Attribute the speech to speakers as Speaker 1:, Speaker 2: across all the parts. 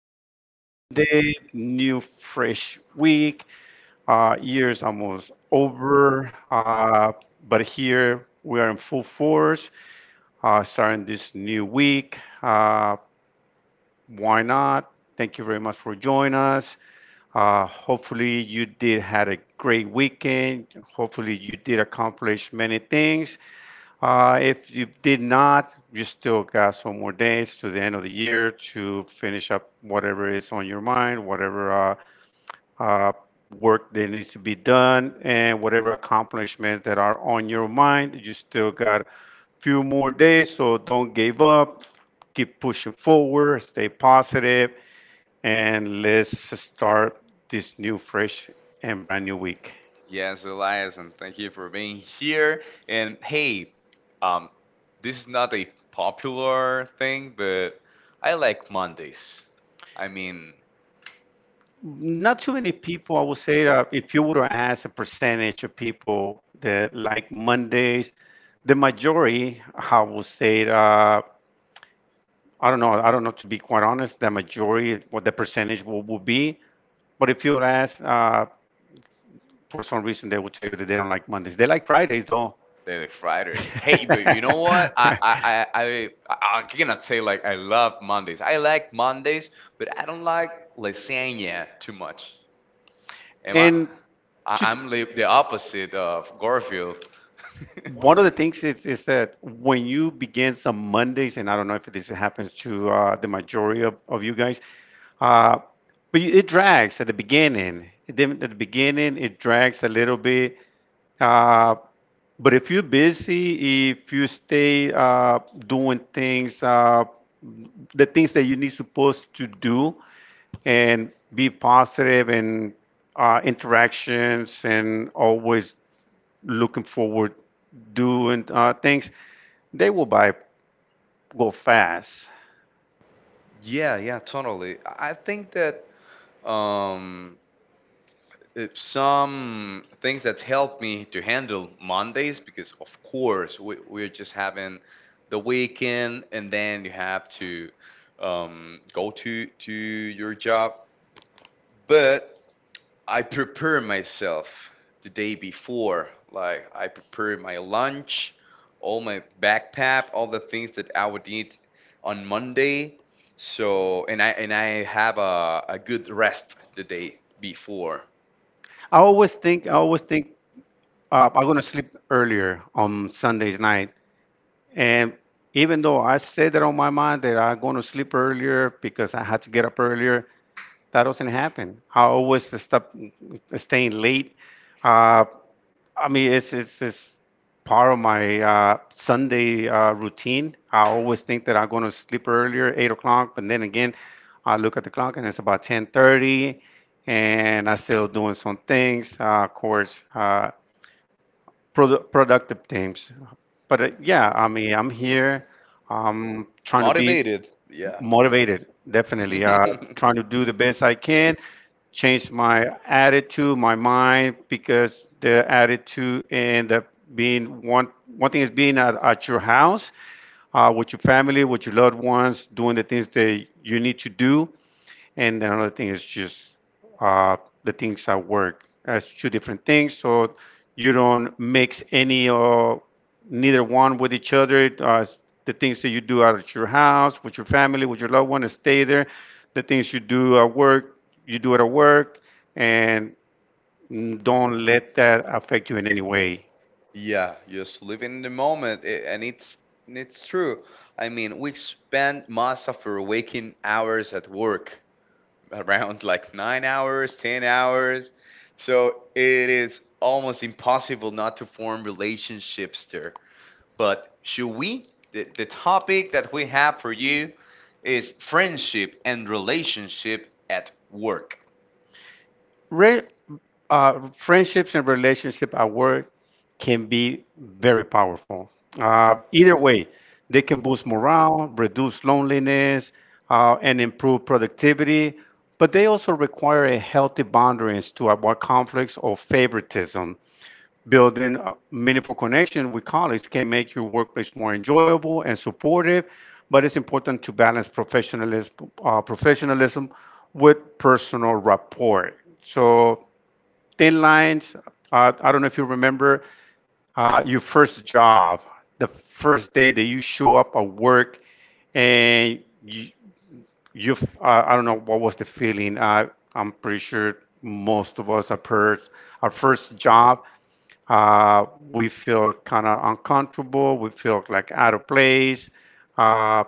Speaker 1: Happy Monday, new fresh week. Year's almost over, but here we are in full force, starting this new week. Why not? Thank you very much for joining us. Hopefully you did had a great weekend. Hopefully you did accomplish many things. If you did not, you still got some more days to the end of the year to finish up whatever is on your mind, whatever uh, work that needs to be done, and whatever accomplishments that are on your mind. You still got a few more days, so don't give up. Keep pushing forward, stay positive, and let's start this new, fresh, and brand new week.
Speaker 2: yes, Elias, and thank you for being here. And hey, um, this is not a popular thing, but I like Mondays. I mean,
Speaker 1: Not too many people. I would say that if you were to ask a percentage of people that like Mondays, the majority, I would say, I don't know. I don't know, to be quite honest. The majority, what the percentage will be. But if you would ask, for some reason, they will tell you that they don't like Mondays. They like Fridays, though.
Speaker 2: they're the Fridays. Hey, but you know what? I cannot say like I love Mondays. I like Mondays, but I don't like lasagna too much. Am I?
Speaker 1: And
Speaker 2: I'm the opposite of Garfield.
Speaker 1: one of the things is that when you begin some Mondays, and I don't know if this happens to the majority of you guys, uh, but it drags at the beginning. Then at the beginning, it drags a little bit. Uh, but if you're busy, if you stay doing things, the things that you need supposed to do, and be positive and interactions and always looking forward doing things, they will buy go fast.
Speaker 2: Yeah, yeah, totally. I think that um, some things that's helped me to handle Mondays because, of course, we're just having the weekend, and then you have to go to your job. But I prepare myself the day before. Like I prepare my lunch, all my backpack, all the things that I would need on Monday. So and I have a good rest the day before.
Speaker 1: I always think I'm gonna sleep earlier on Sundays night, and even though I said that on my mind that I'm gonna sleep earlier because I had to get up earlier, that doesn't happen. I always stop staying late. Uh, I mean, it's part of my Sunday routine. I always think that I'm going to sleep earlier, 8 o'clock, but then again, I look at the clock and it's about 10:30, and I'm still doing some things. Of course, productive things. But yeah, I mean, I'm here. I'm trying to be
Speaker 2: Motivated, yeah.
Speaker 1: motivated, definitely. Trying to do the best I can, change my attitude, my mind, because the attitude and the being one thing is being at your house, with your family, with your loved ones, doing the things that you need to do, and the another thing is just uh, the things at work as two different things, so you don't mix any or neither one with each other. The things that you do out at your house with your family with your loved one stay there. The things you do at work you do it at work, and don't let that affect you in any way.
Speaker 2: Yeah, just living in the moment, and it's true. I mean, we spend most of our waking hours at work, around like 9 hours, 10 hours. So it is almost impossible not to form relationships there. But should we? The topic that we have for you is friendship and relationship at work.
Speaker 1: Re- Friendships and relationship at work can be very powerful. Either way, they can boost morale, reduce loneliness, and improve productivity. But they also require a healthy boundaries to avoid conflicts or favoritism. Building a meaningful connection with colleagues can make your workplace more enjoyable and supportive. But it's important to balance professionalism with personal rapport. So thin lines. I don't know if you remember your first job, the first day that you show up at work, and you I don't know what was the feeling. I'm pretty sure most of us, our first job, uh, we feel kind of uncomfortable. We feel like out of place. Uh,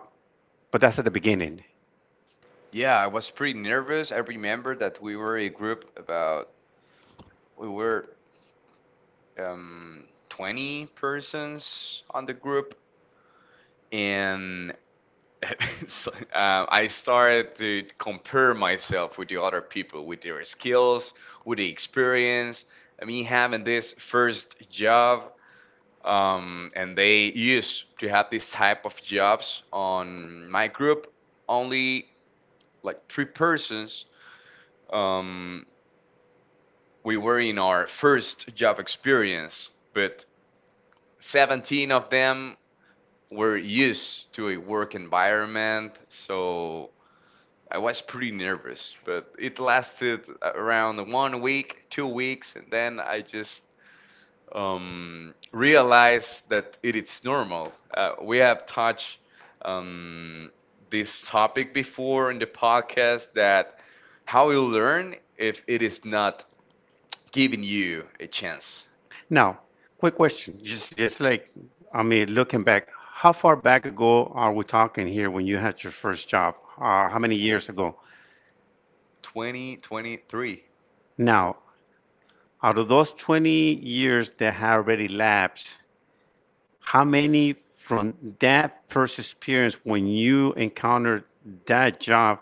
Speaker 1: but that's at the beginning.
Speaker 2: Yeah, I was pretty nervous. I remember that we were a group about, we were 20 persons on the group, and So, I started to compare myself with the other people, with their skills, with the experience. I mean, having this first job, and they used to have this type of jobs on my group. Only like three persons. Um, we were in our first job experience, but 17 of them were used to a work environment. So I was pretty nervous, but it lasted around 1 week, 2 weeks, and then I just realized that it is normal. We have touched um, this topic before in the podcast, that how you learn if it is not giving you a chance.
Speaker 1: Now, quick question, just like I mean, looking back, how far back ago are we talking here when you had your first job? How many years ago?
Speaker 2: 2023.
Speaker 1: Now, out of those 20 years that have already lapsed, how many from that first experience when you encountered that job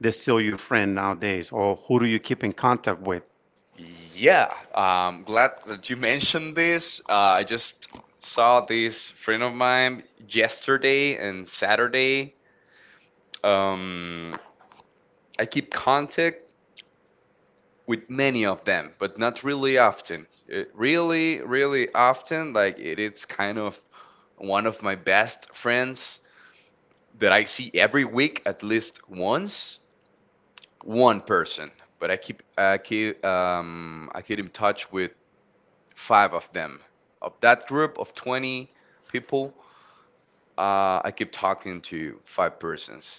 Speaker 1: that's still your friend nowadays, or who do you keep in contact with?
Speaker 2: Yeah, I'm glad that you mentioned this. I just saw this friend of mine yesterday and Saturday. Um, I keep contact with many of them, but not really often. Really, really often. Like, it is kind of one of my best friends that I see every week at least once, one person. But I keep in touch with five of them. Of that group of 20 people, I keep talking to five persons.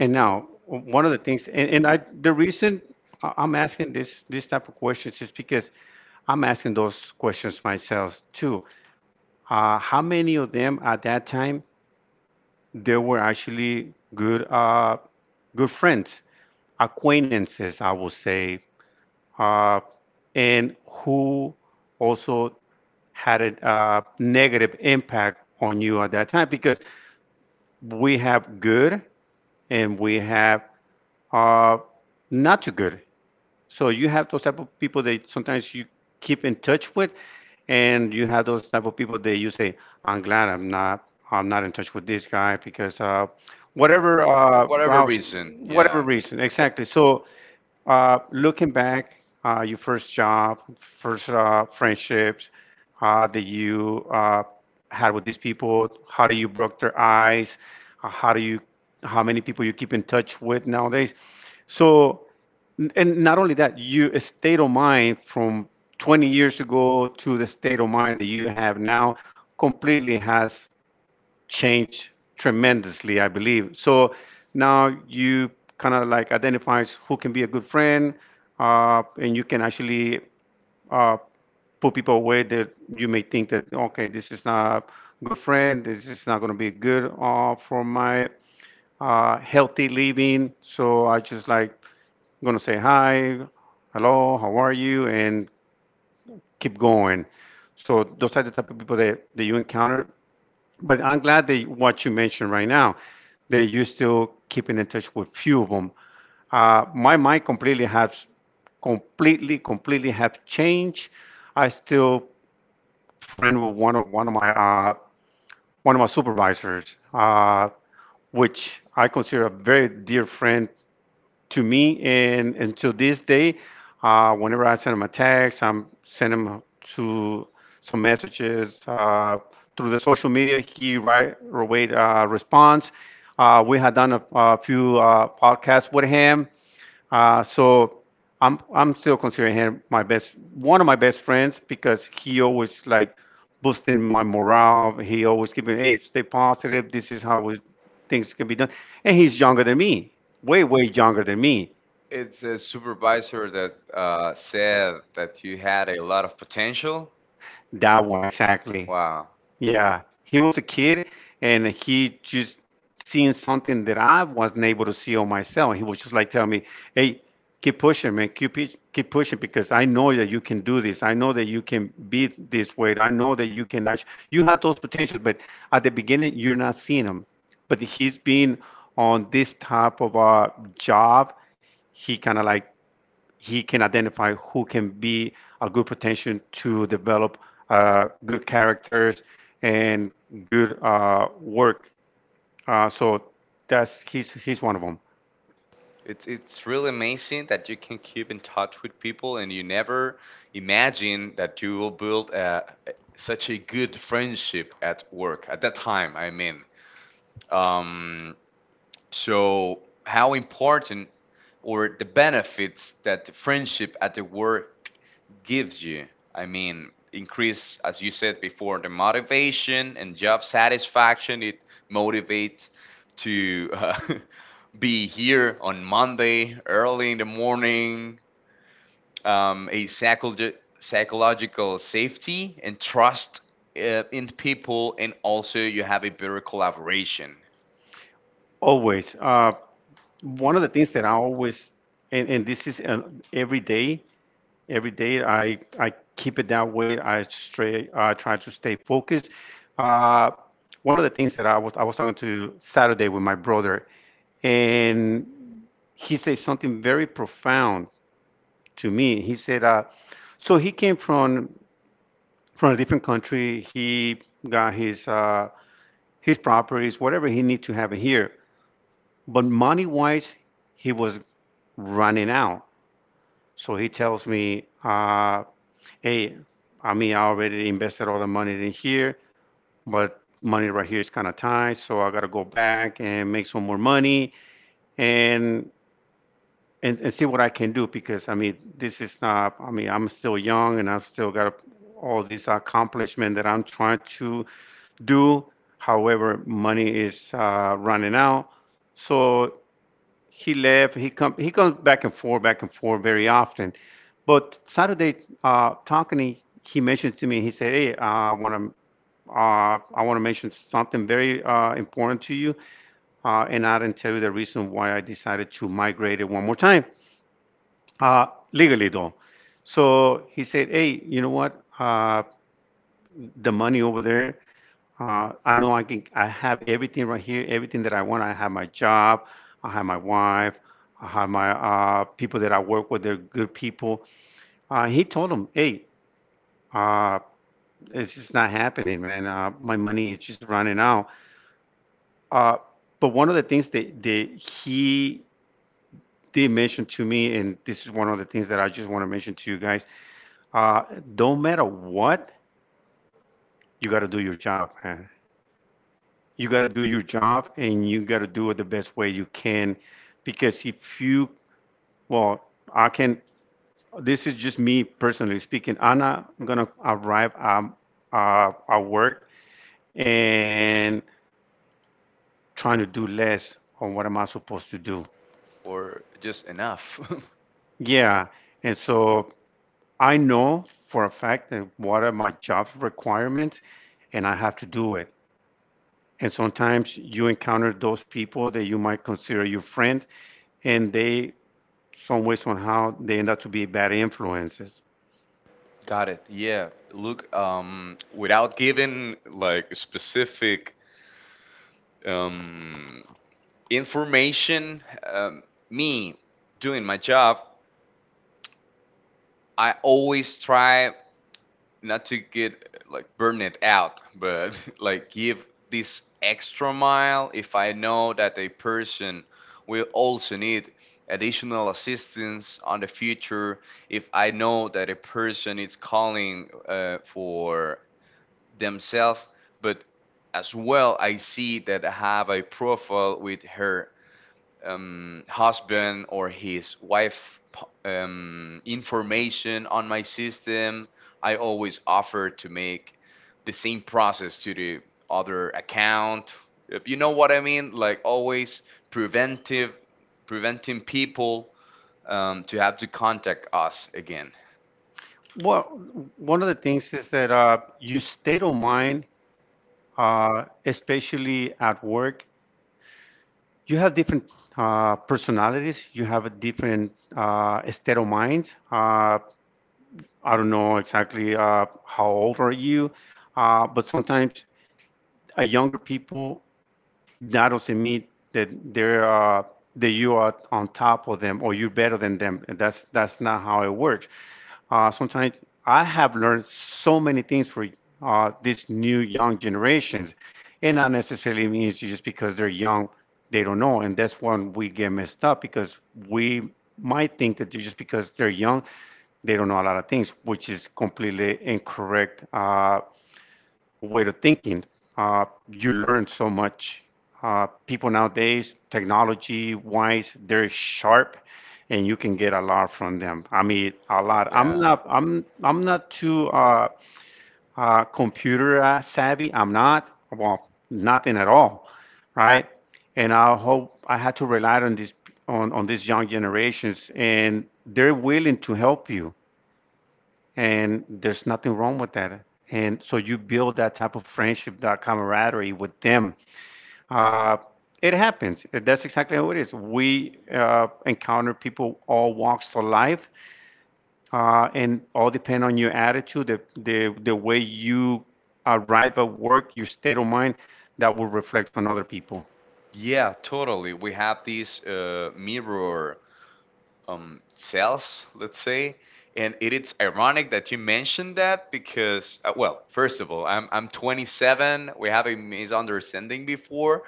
Speaker 1: And now, one of the things, the reason I'm asking this type of questions is because I'm asking those questions myself too. How many of them at that time they were actually good friends, acquaintances, I would say, uh, and who also had a negative impact on you at that time? Because we have good and we have uh, not too good. So you have those type of people that sometimes you keep in touch with, and you have those type of people that you say, "I'm glad I'm not in touch with this guy because whatever
Speaker 2: Whatever
Speaker 1: route,
Speaker 2: reason,
Speaker 1: whatever
Speaker 2: yeah.
Speaker 1: reason, exactly." So looking back, your first job, first friendships that you had with these people, how do you broke their eyes? Uh, How do you how many people you keep in touch with nowadays? So And not only that, you a state of mind from 20 years ago to the state of mind that you have now completely has changed tremendously, I believe. So now you kind of like identifies who can be a good friend, and you can actually uh, put people away that you may think that okay, this is not a good friend, this is not going to be good for my healthy living. So I just like gonna say hi, hello, how are you, and keep going. So those are the type of people that you encounter. But I'm glad that what you mentioned right now, that you're still keeping in touch with few of them. My mind completely have changed. I still friend with one of my supervisors, which I consider a very dear friend to me. And until this day, whenever I send them a text, I'm sending him to some messages through the social media. He right away responds. We had done a few podcasts with him, so I'm still considering him my best one of my best friends because he always like boosting my morale. He always keeping, hey, stay positive. This is how we, things can be done, and he's younger than me, way younger than me.
Speaker 2: It's a supervisor that said that you had a lot of potential.
Speaker 1: That one, exactly.
Speaker 2: Wow.
Speaker 1: Yeah, he was a kid, and he just seen something that I wasn't able to see on myself. He was just like telling me, "Hey, keep pushing, man. Keep pushing because I know that you can do this. I know that you can beat this weight. I know that you can actually. You had those potentials, but at the beginning, you're not seeing them." But he's been on this type of a job. He kind of like he can identify who can be a good potential to develop good characters and good work. So that's he's one of them.
Speaker 2: It's really amazing that you can keep in touch with people and you never imagine that you will build a, such a good friendship at work at that time. I mean, um, how important or the benefits that the friendship at the work gives you? I mean, increase, as you said before, the motivation and job satisfaction. It motivates to be here on Monday early in the morning. A psychological safety and trust in people, and also you have a better collaboration
Speaker 1: Always. One of the things that I always, and this is every day. Every day I keep it that way. I stray. I try to stay focused. Uh, One of the things that I was talking to Saturday with my brother, and he said something very profound to me. He said, so he came from a different country. He got his properties, whatever he need to have here. But money wise, he was running out. So he tells me, hey, I mean, I already invested all the money in here, but money right here is kind of tight, so I gotta go back and make some more money. And and see what I can do, because I mean this is not, I mean I'm still young, and I've still got all these accomplishments that I'm trying to do. However, money is running out. So he left. He comes back and forth very often. But Saturday talking, he mentioned to me. He said, "Hey, I want to mention something very important to you, and I didn't tell you the reason why I decided to migrate it one more time. Uh, Legally though." So he said, "Hey, you know what? The money over there. I know I can. I have everything right here. Everything that I want. I have my job. I have my wife. I have my people that I work with. They're good people." He told him, "Hey, uh, it's just not happening, man. My money is just running out." Uh, but one of the things that he did mention to me, and this is one of the things that I just want to mention to you guys, uh, don't matter what, you got to do your job, man. You got to do your job and you got to do it the best way you can. Because if you, well, I can, this is just me personally speaking. I'm not going to arrive at work and trying to do less on what am I supposed to do.
Speaker 2: or just enough.
Speaker 1: Yeah. And so I know for a fact that what are my job requirements and I have to do it. And sometimes you encounter those people that you might consider your friend and they some way somehow they end up to be bad influences.
Speaker 2: Got it. Yeah. Look, without giving like specific um, information, me doing my job, I always try not to get like burn it out, but like give this extra mile if I know that a person will also need additional assistance on the future. If I know that a person is calling for themselves, but as well, I see that I have a profile with her husband or his wife information on my system. I always offer to make the same process to the other account. You know what I mean? Like always preventive, preventing people to have to contact us again.
Speaker 1: Well, one of the things is that your state of mind, especially at work, you have different personalities. You have a different state of mind. I don't know exactly how old are you, but sometimes a younger people that doesn't mean that they're that you are on top of them or you're better than them. And that's not how it works. Sometimes I have learned so many things for these new young generations, and not necessarily means just because they're young, they don't know, and that's when we get messed up because we might think that just because they're young, they don't know a lot of things, which is completely incorrect way of thinking. Uh, you learn so much. People nowadays, technology wise, they're sharp, and you can get a lot from them. I mean, a lot. I'm
Speaker 2: Yeah.
Speaker 1: not. I'm. I'm not too computer savvy. I'm not. Well, nothing at all, right? And I hope I had to rely on this on these young generations, and they're willing to help you and there's nothing wrong with that. And so you build that type of friendship, that camaraderie with them. Uh, it happens. That's exactly how it is. We encounter people all walks of life, and all depend on your attitude, the way you arrive at work, your state of mind, that will reflect on other people.
Speaker 2: Yeah, totally. We have these mirror cells, let's say, and it's ironic that you mentioned that because, well, first of all, I'm 27. We have a misunderstanding before,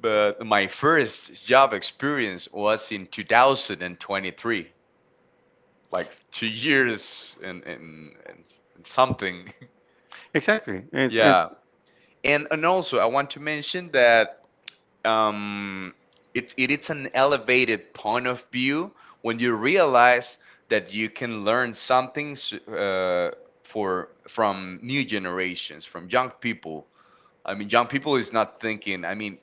Speaker 2: but my first job experience was in 2023, like 2 years and something.
Speaker 1: Exactly.
Speaker 2: Yeah. And also, I want to mention that um, it, it is an elevated point of view when you realize that you can learn something for from new generations, from young people. I mean, young people is not thinking. I mean,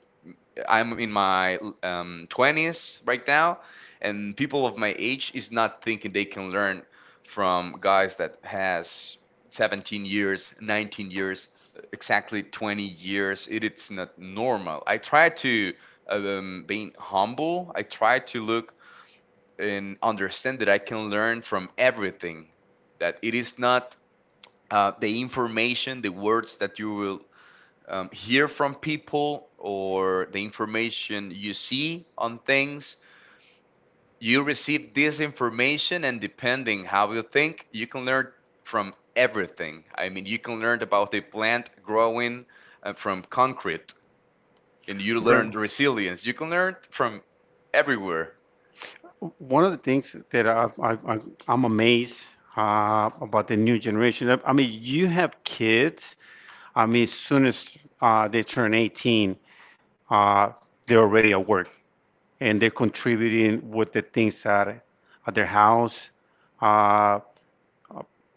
Speaker 2: I'm in my 20s right now, and people of my age is not thinking they can learn from guys that has 17 years, 19 years, exactly 20 years. It, it's not normal. I try to being humble. I try to look and understand that I can learn from everything. That it is not the information, the words that you will hear from people or the information you see on things. You receive this information and, depending how you think, you can learn from everything. I mean, you can learn about the plant growing from concrete, and you
Speaker 1: Right.
Speaker 2: learn resilience. You can learn from everywhere.
Speaker 1: One of the things that I'm amazed about the new generation. I mean, you have kids. I mean, as soon as they turn 18, uh, they're already at work and they're contributing with the things at their house uh,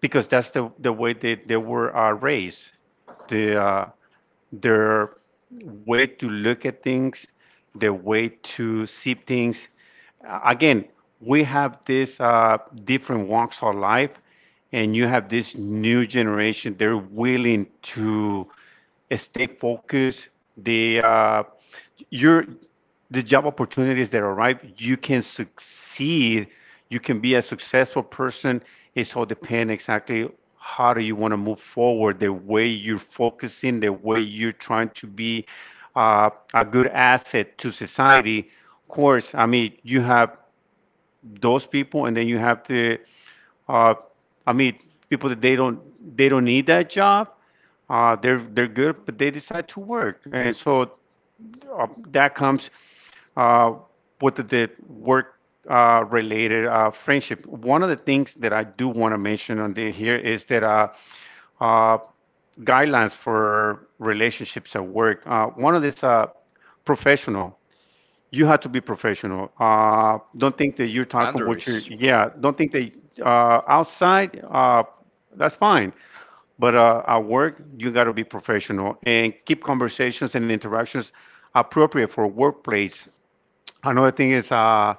Speaker 1: because that's the way they were raised. The uh, their way to look at things, their way to see things. Again, we have this different walks of life, and you have this new generation. They're willing to stay focused. They you're the job opportunities that arrive, you can succeed. You can be a successful person. It's all depend exactly how do you want to move forward, the way you're focusing, the way you're trying to be a good asset to society. Of course, I mean you have those people, and then you have the, uh, I mean people that they don't need that job. They're good, but they decide to work, and so that comes uh, with the work related friendship. One of the things that I do want to mention on the, here is that uh, guidelines for relationships at work. One of these professional. You have to be professional. Don't think that you're talking what you're.
Speaker 2: Boundaries,
Speaker 1: Yeah, don't think that outside. That's fine. But at work, you got to be professional and keep conversations and interactions appropriate for workplace. Another thing is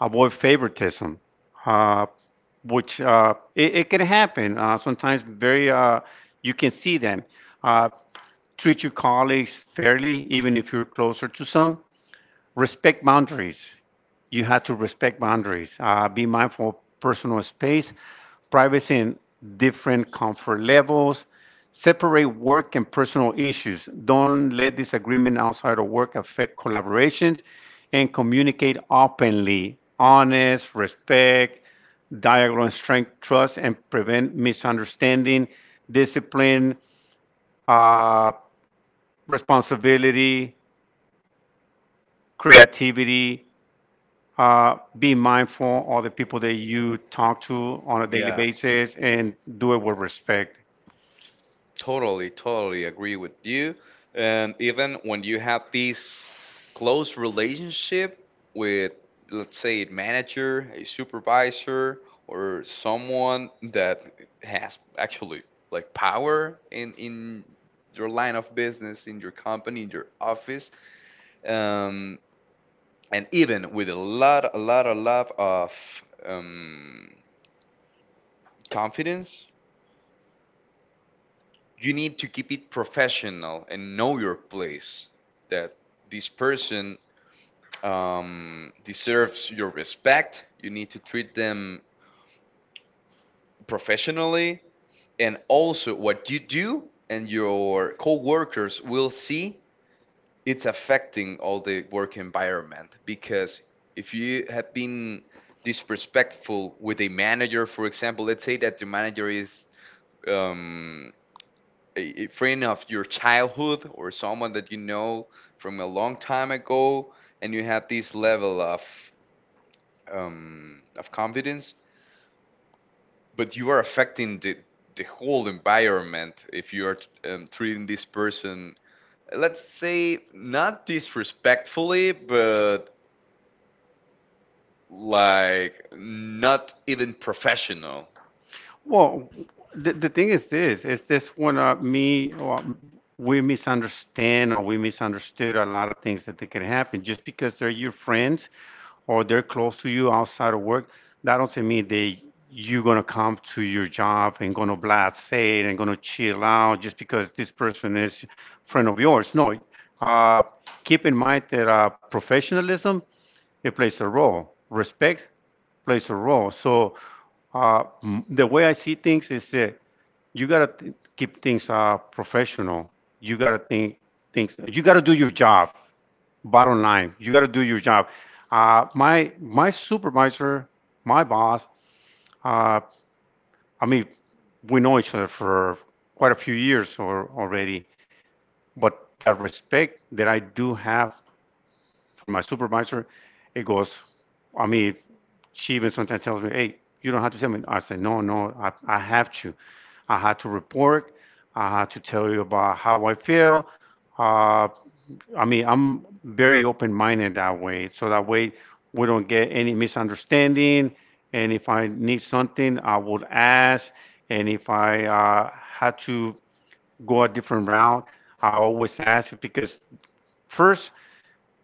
Speaker 1: avoid favoritism, uh, which it can happen sometimes. Very, you can see them. Uh, Treat your colleagues fairly, even if you're closer to some respect boundaries. You have to respect boundaries. Be mindful of personal space, privacy, and different comfort levels. Separate work and personal issues. Don't let disagreement outside of work affect collaborations and communicate openly, honest, respect, dialogue, and strength, trust, and prevent misunderstanding, discipline, uh, responsibility, creativity, be mindful of the people that you talk to on a daily
Speaker 2: yeah.
Speaker 1: basis and do it with respect.
Speaker 2: Totally, totally agree with you. And even when you have this close relationship with, let's say, a manager, a supervisor, or someone that has actually like power in your line of business, in your company, in your office, um, and even with a lot, a lot, a lot of um, confidence, you need to keep it professional and know your place, that this person deserves your respect. You need to treat them professionally, and also what you do and your co-workers will see, it's affecting all the work environment. Because if you have been disrespectful with a manager, for example, let's say that the manager is um, a friend of your childhood or someone that you know from a long time ago and you have this level of confidence, but you are affecting the whole environment if you are treating this person, let's say, not disrespectfully but like not even professional.
Speaker 1: Well, the thing is this when me, well, we misunderstand or we misunderstood a lot of things that can happen just because they're your friends or they're close to you outside of work, that doesn't mean they you're gonna come to your job and gonna blast it and gonna chill out just because this person is friend of yours. No, uh, keep in mind that professionalism it plays a role, respect plays a role. So the way I see things is that you gotta keep things professional. You gotta think things. You gotta do your job bottom line you got to do your job my supervisor my boss uh, I mean we know each other for quite a few years or, already but that respect that I do have for my supervisor it goes I mean she even sometimes tells me, "Hey, you don't have to tell me." I say, "No, I have to I had to report I had to tell you about how I feel." uh, I mean, I'm very open-minded that way, so that way we don't get any misunderstanding. And if I need something, I would ask. And if I had to go a different route, I always ask because first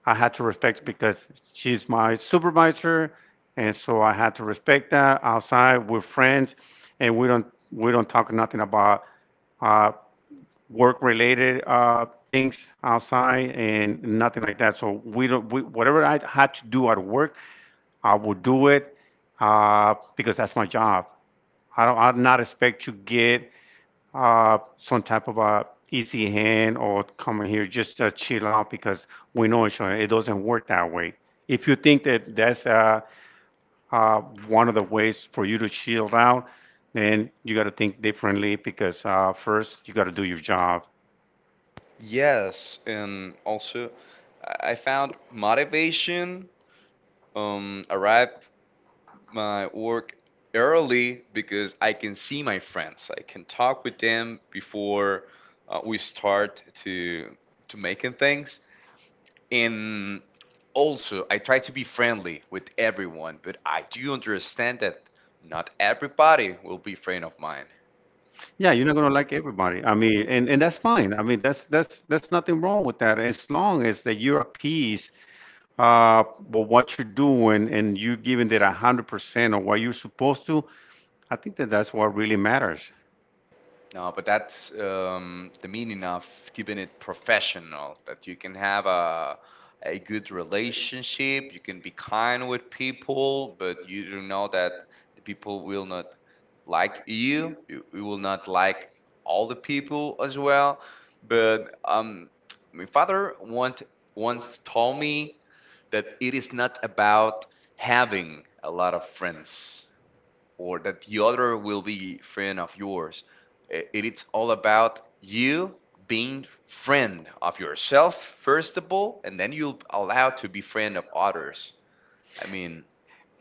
Speaker 1: I had to respect because she's my supervisor, and so I had to respect that. Outside, we're friends, and we don't talk nothing about uh, work-related things outside and nothing like that. So we don't, we, whatever I had to do at work, I would do it because that's my job. I don't, I'm not expect to get some type of a easy hand or come here just chill out because we know each other. It doesn't work that way. If you think that that's uh, one of the ways for you to chill out, then you got to think differently because first you got to do your job.
Speaker 2: Yes. And also, I found motivation arrived my work early because I can see my friends. I can talk with them before we start to making things. And also, I try to be friendly with everyone, but I do understand that not everybody will be friend of mine.
Speaker 1: Yeah, you're not gonna like everybody. I mean, and that's fine. I mean, that's nothing wrong with that as long as that you're at peace uh with what you're doing and you are giving that 100% of what you're supposed to. I think that that's what really matters.
Speaker 2: No, but that's the meaning of keeping it professional, that you can have a good relationship, you can be kind with people, but you do know that the people will not like you. You will not like all the people as well. But my father want, once told me that it is not about having a lot of friends or that the other will be friend of yours. It, it's all about you being friend of yourself first of all, and then you'll allow to be friend of others. I mean,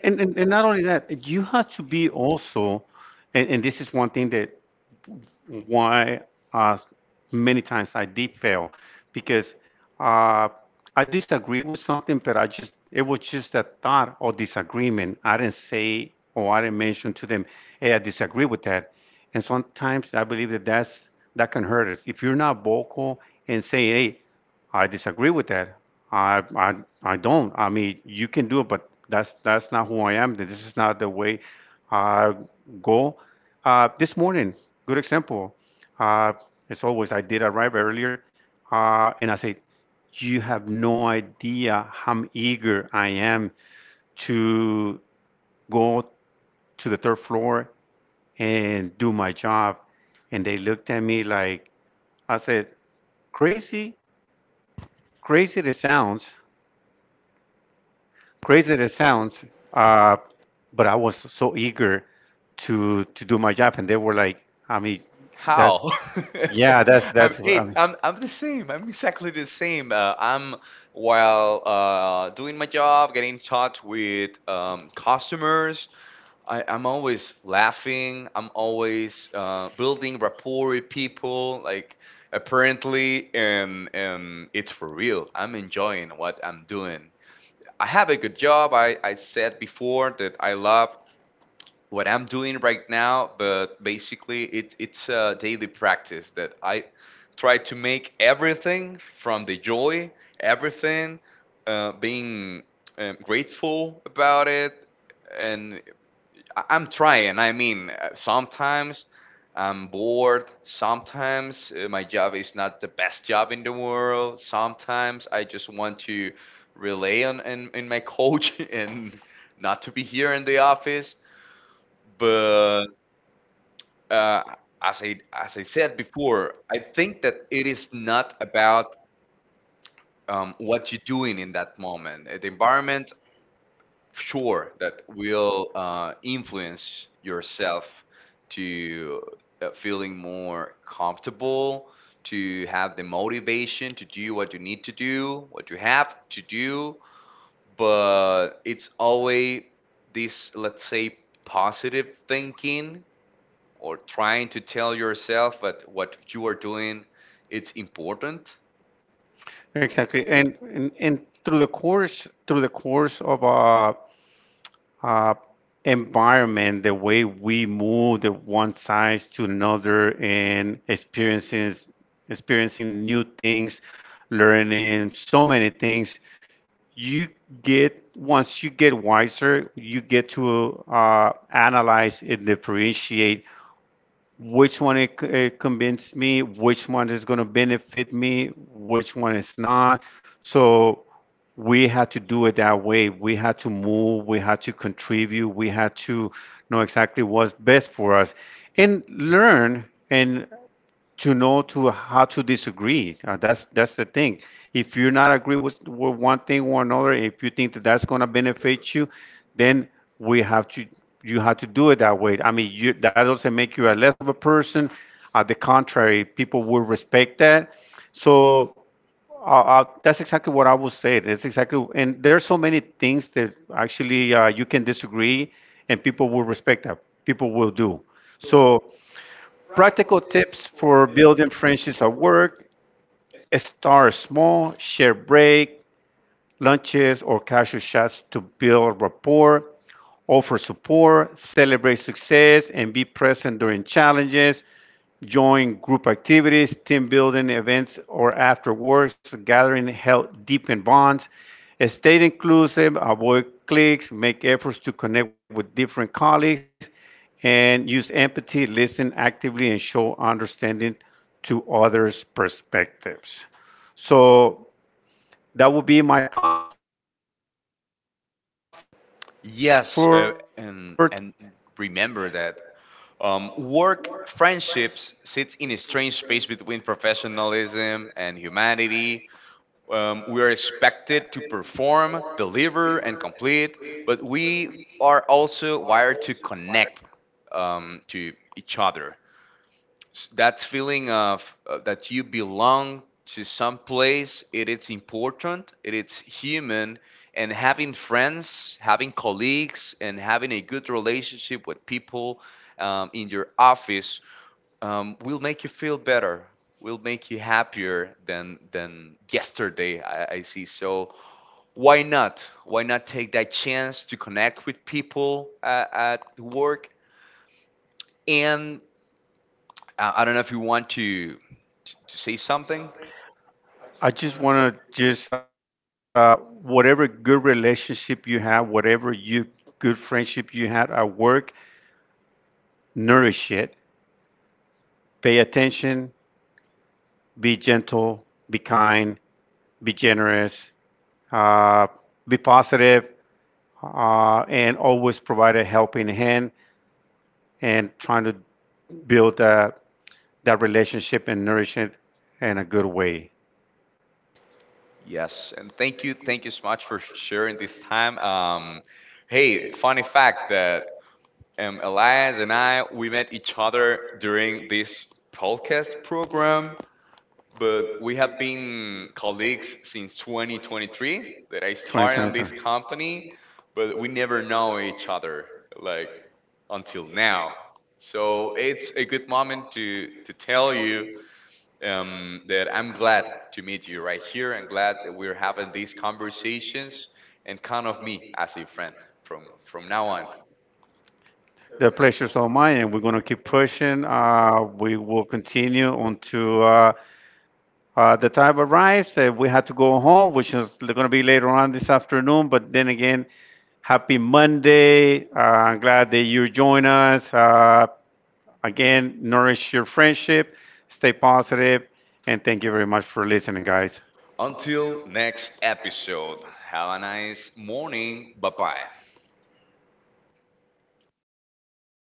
Speaker 1: And not only that, you have to be also, and this is one thing that why uh, many times I did fail because uh, I disagree with something, but I just it was just a thought or disagreement. I didn't say or I didn't mention to them, "Hey, I disagree with that." And sometimes I believe that that can hurt us if you're not vocal and saying, "Hey, I disagree with that." I, I, I don't. I mean, you can do it, but that's not who I am. This is not the way I go. This morning, good example. Uh, as always, I did arrive earlier, and I said, "You have no idea how eager I am to go to the third floor and do my job." And they looked at me like I said, "Crazy, crazy." It sounds. Crazy as it sounds, uh, but I was so eager to do my job, and they were like, I mean, that's
Speaker 2: how?
Speaker 1: yeah,
Speaker 2: I'm,
Speaker 1: that's
Speaker 2: hey,
Speaker 1: I
Speaker 2: I'm the same. I'm exactly the same. I'm while doing my job, getting in touch with customers, I'm always laughing. I'm always building rapport with people. Like apparently, and it's for real, I'm enjoying what I'm doing. I have a good job. I said before that I love what I'm doing right now, but basically, it's a daily practice that I try to make everything from the joy, everything, being grateful about it, and I'm trying. I mean, sometimes I'm bored. Sometimes my job is not the best job in the world. Sometimes I just want to rely on in my coach and not to be here in the office. But uh, as I said before, I think that it is not about what you're doing in that moment. The environment, sure, that will influence yourself to feeling more comfortable to have the motivation to do what you need to do, what you have to do, but it's always this, let's say, positive thinking or trying to tell yourself that what you are doing, it's important.
Speaker 1: exactly. And through the course of uh, environment, the way we move the one size to another, and experiences experiencing new things, learning so many things. You get once you get wiser you get to analyze and differentiate which one it, it convinced me which one is going to benefit me which one is not so we had to do it that way we had to move we had to contribute we had to know exactly what's best for us and learn and to know to how to disagree. That's the thing. If you're not agree with one thing or another, if you think that that's gonna benefit you, then we have to you have to do it that way. I mean, you, that doesn't make you a less of a person. At the contrary, people will respect that. So that's exactly what I would say. That's exactly, and there's so many things that actually you can disagree, and people will respect that. People will do. So practical tips for building friendships at work start small, share break, lunches, or casual chats to build rapport, offer support, celebrate success, and be present during challenges, join group activities, team building events, or after works gathering help deepen bonds. Stay inclusive, avoid cliques, make efforts to connect with different colleagues, and use empathy, listen actively, and show understanding to others' perspectives. So that would be my thoughts for today. Uh,
Speaker 2: Yes, and remember that work friendships sits in a strange space between professionalism and humanity. We are expected to perform, deliver, and complete, but we are also wired to connect to each other. That feeling of that you belong to some place, it is important, it is human, and having friends, having colleagues, and having a good relationship with people in your office will make you feel better, will make you happier than yesterday. I see. So why not? Why not take that chance to connect with people at work? And I don't know if you want to say something.
Speaker 1: I just want to just whatever good relationship you have, whatever you good friendship you had at work, nourish it. Pay attention. Be gentle. Be kind. Be generous. Uh, be positive, and always provide a helping hand and trying to build that relationship and nourish it in a good way.
Speaker 2: Yes, and thank you so much for sharing this time. Hey, funny fact that Elias and I, we met each other during this podcast program, but we have been colleagues since 2023, that I
Speaker 1: Twenty
Speaker 2: started on this
Speaker 1: twenty-three.
Speaker 2: company, but we never know each other like until now. So it's a good moment to tell you that I'm glad to meet you right here and glad that we're having these conversations, and count of me as a friend from now on.
Speaker 1: The pleasure's all mine, and we're going to keep pushing. We will continue until the time arrives. We had to go home, which is going to be later on this afternoon. But then again, happy Monday. I'm glad that you join us. Again, nourish your friendship, stay positive, and thank you very much for listening, guys.
Speaker 2: Until next episode, have a nice morning. Bye bye.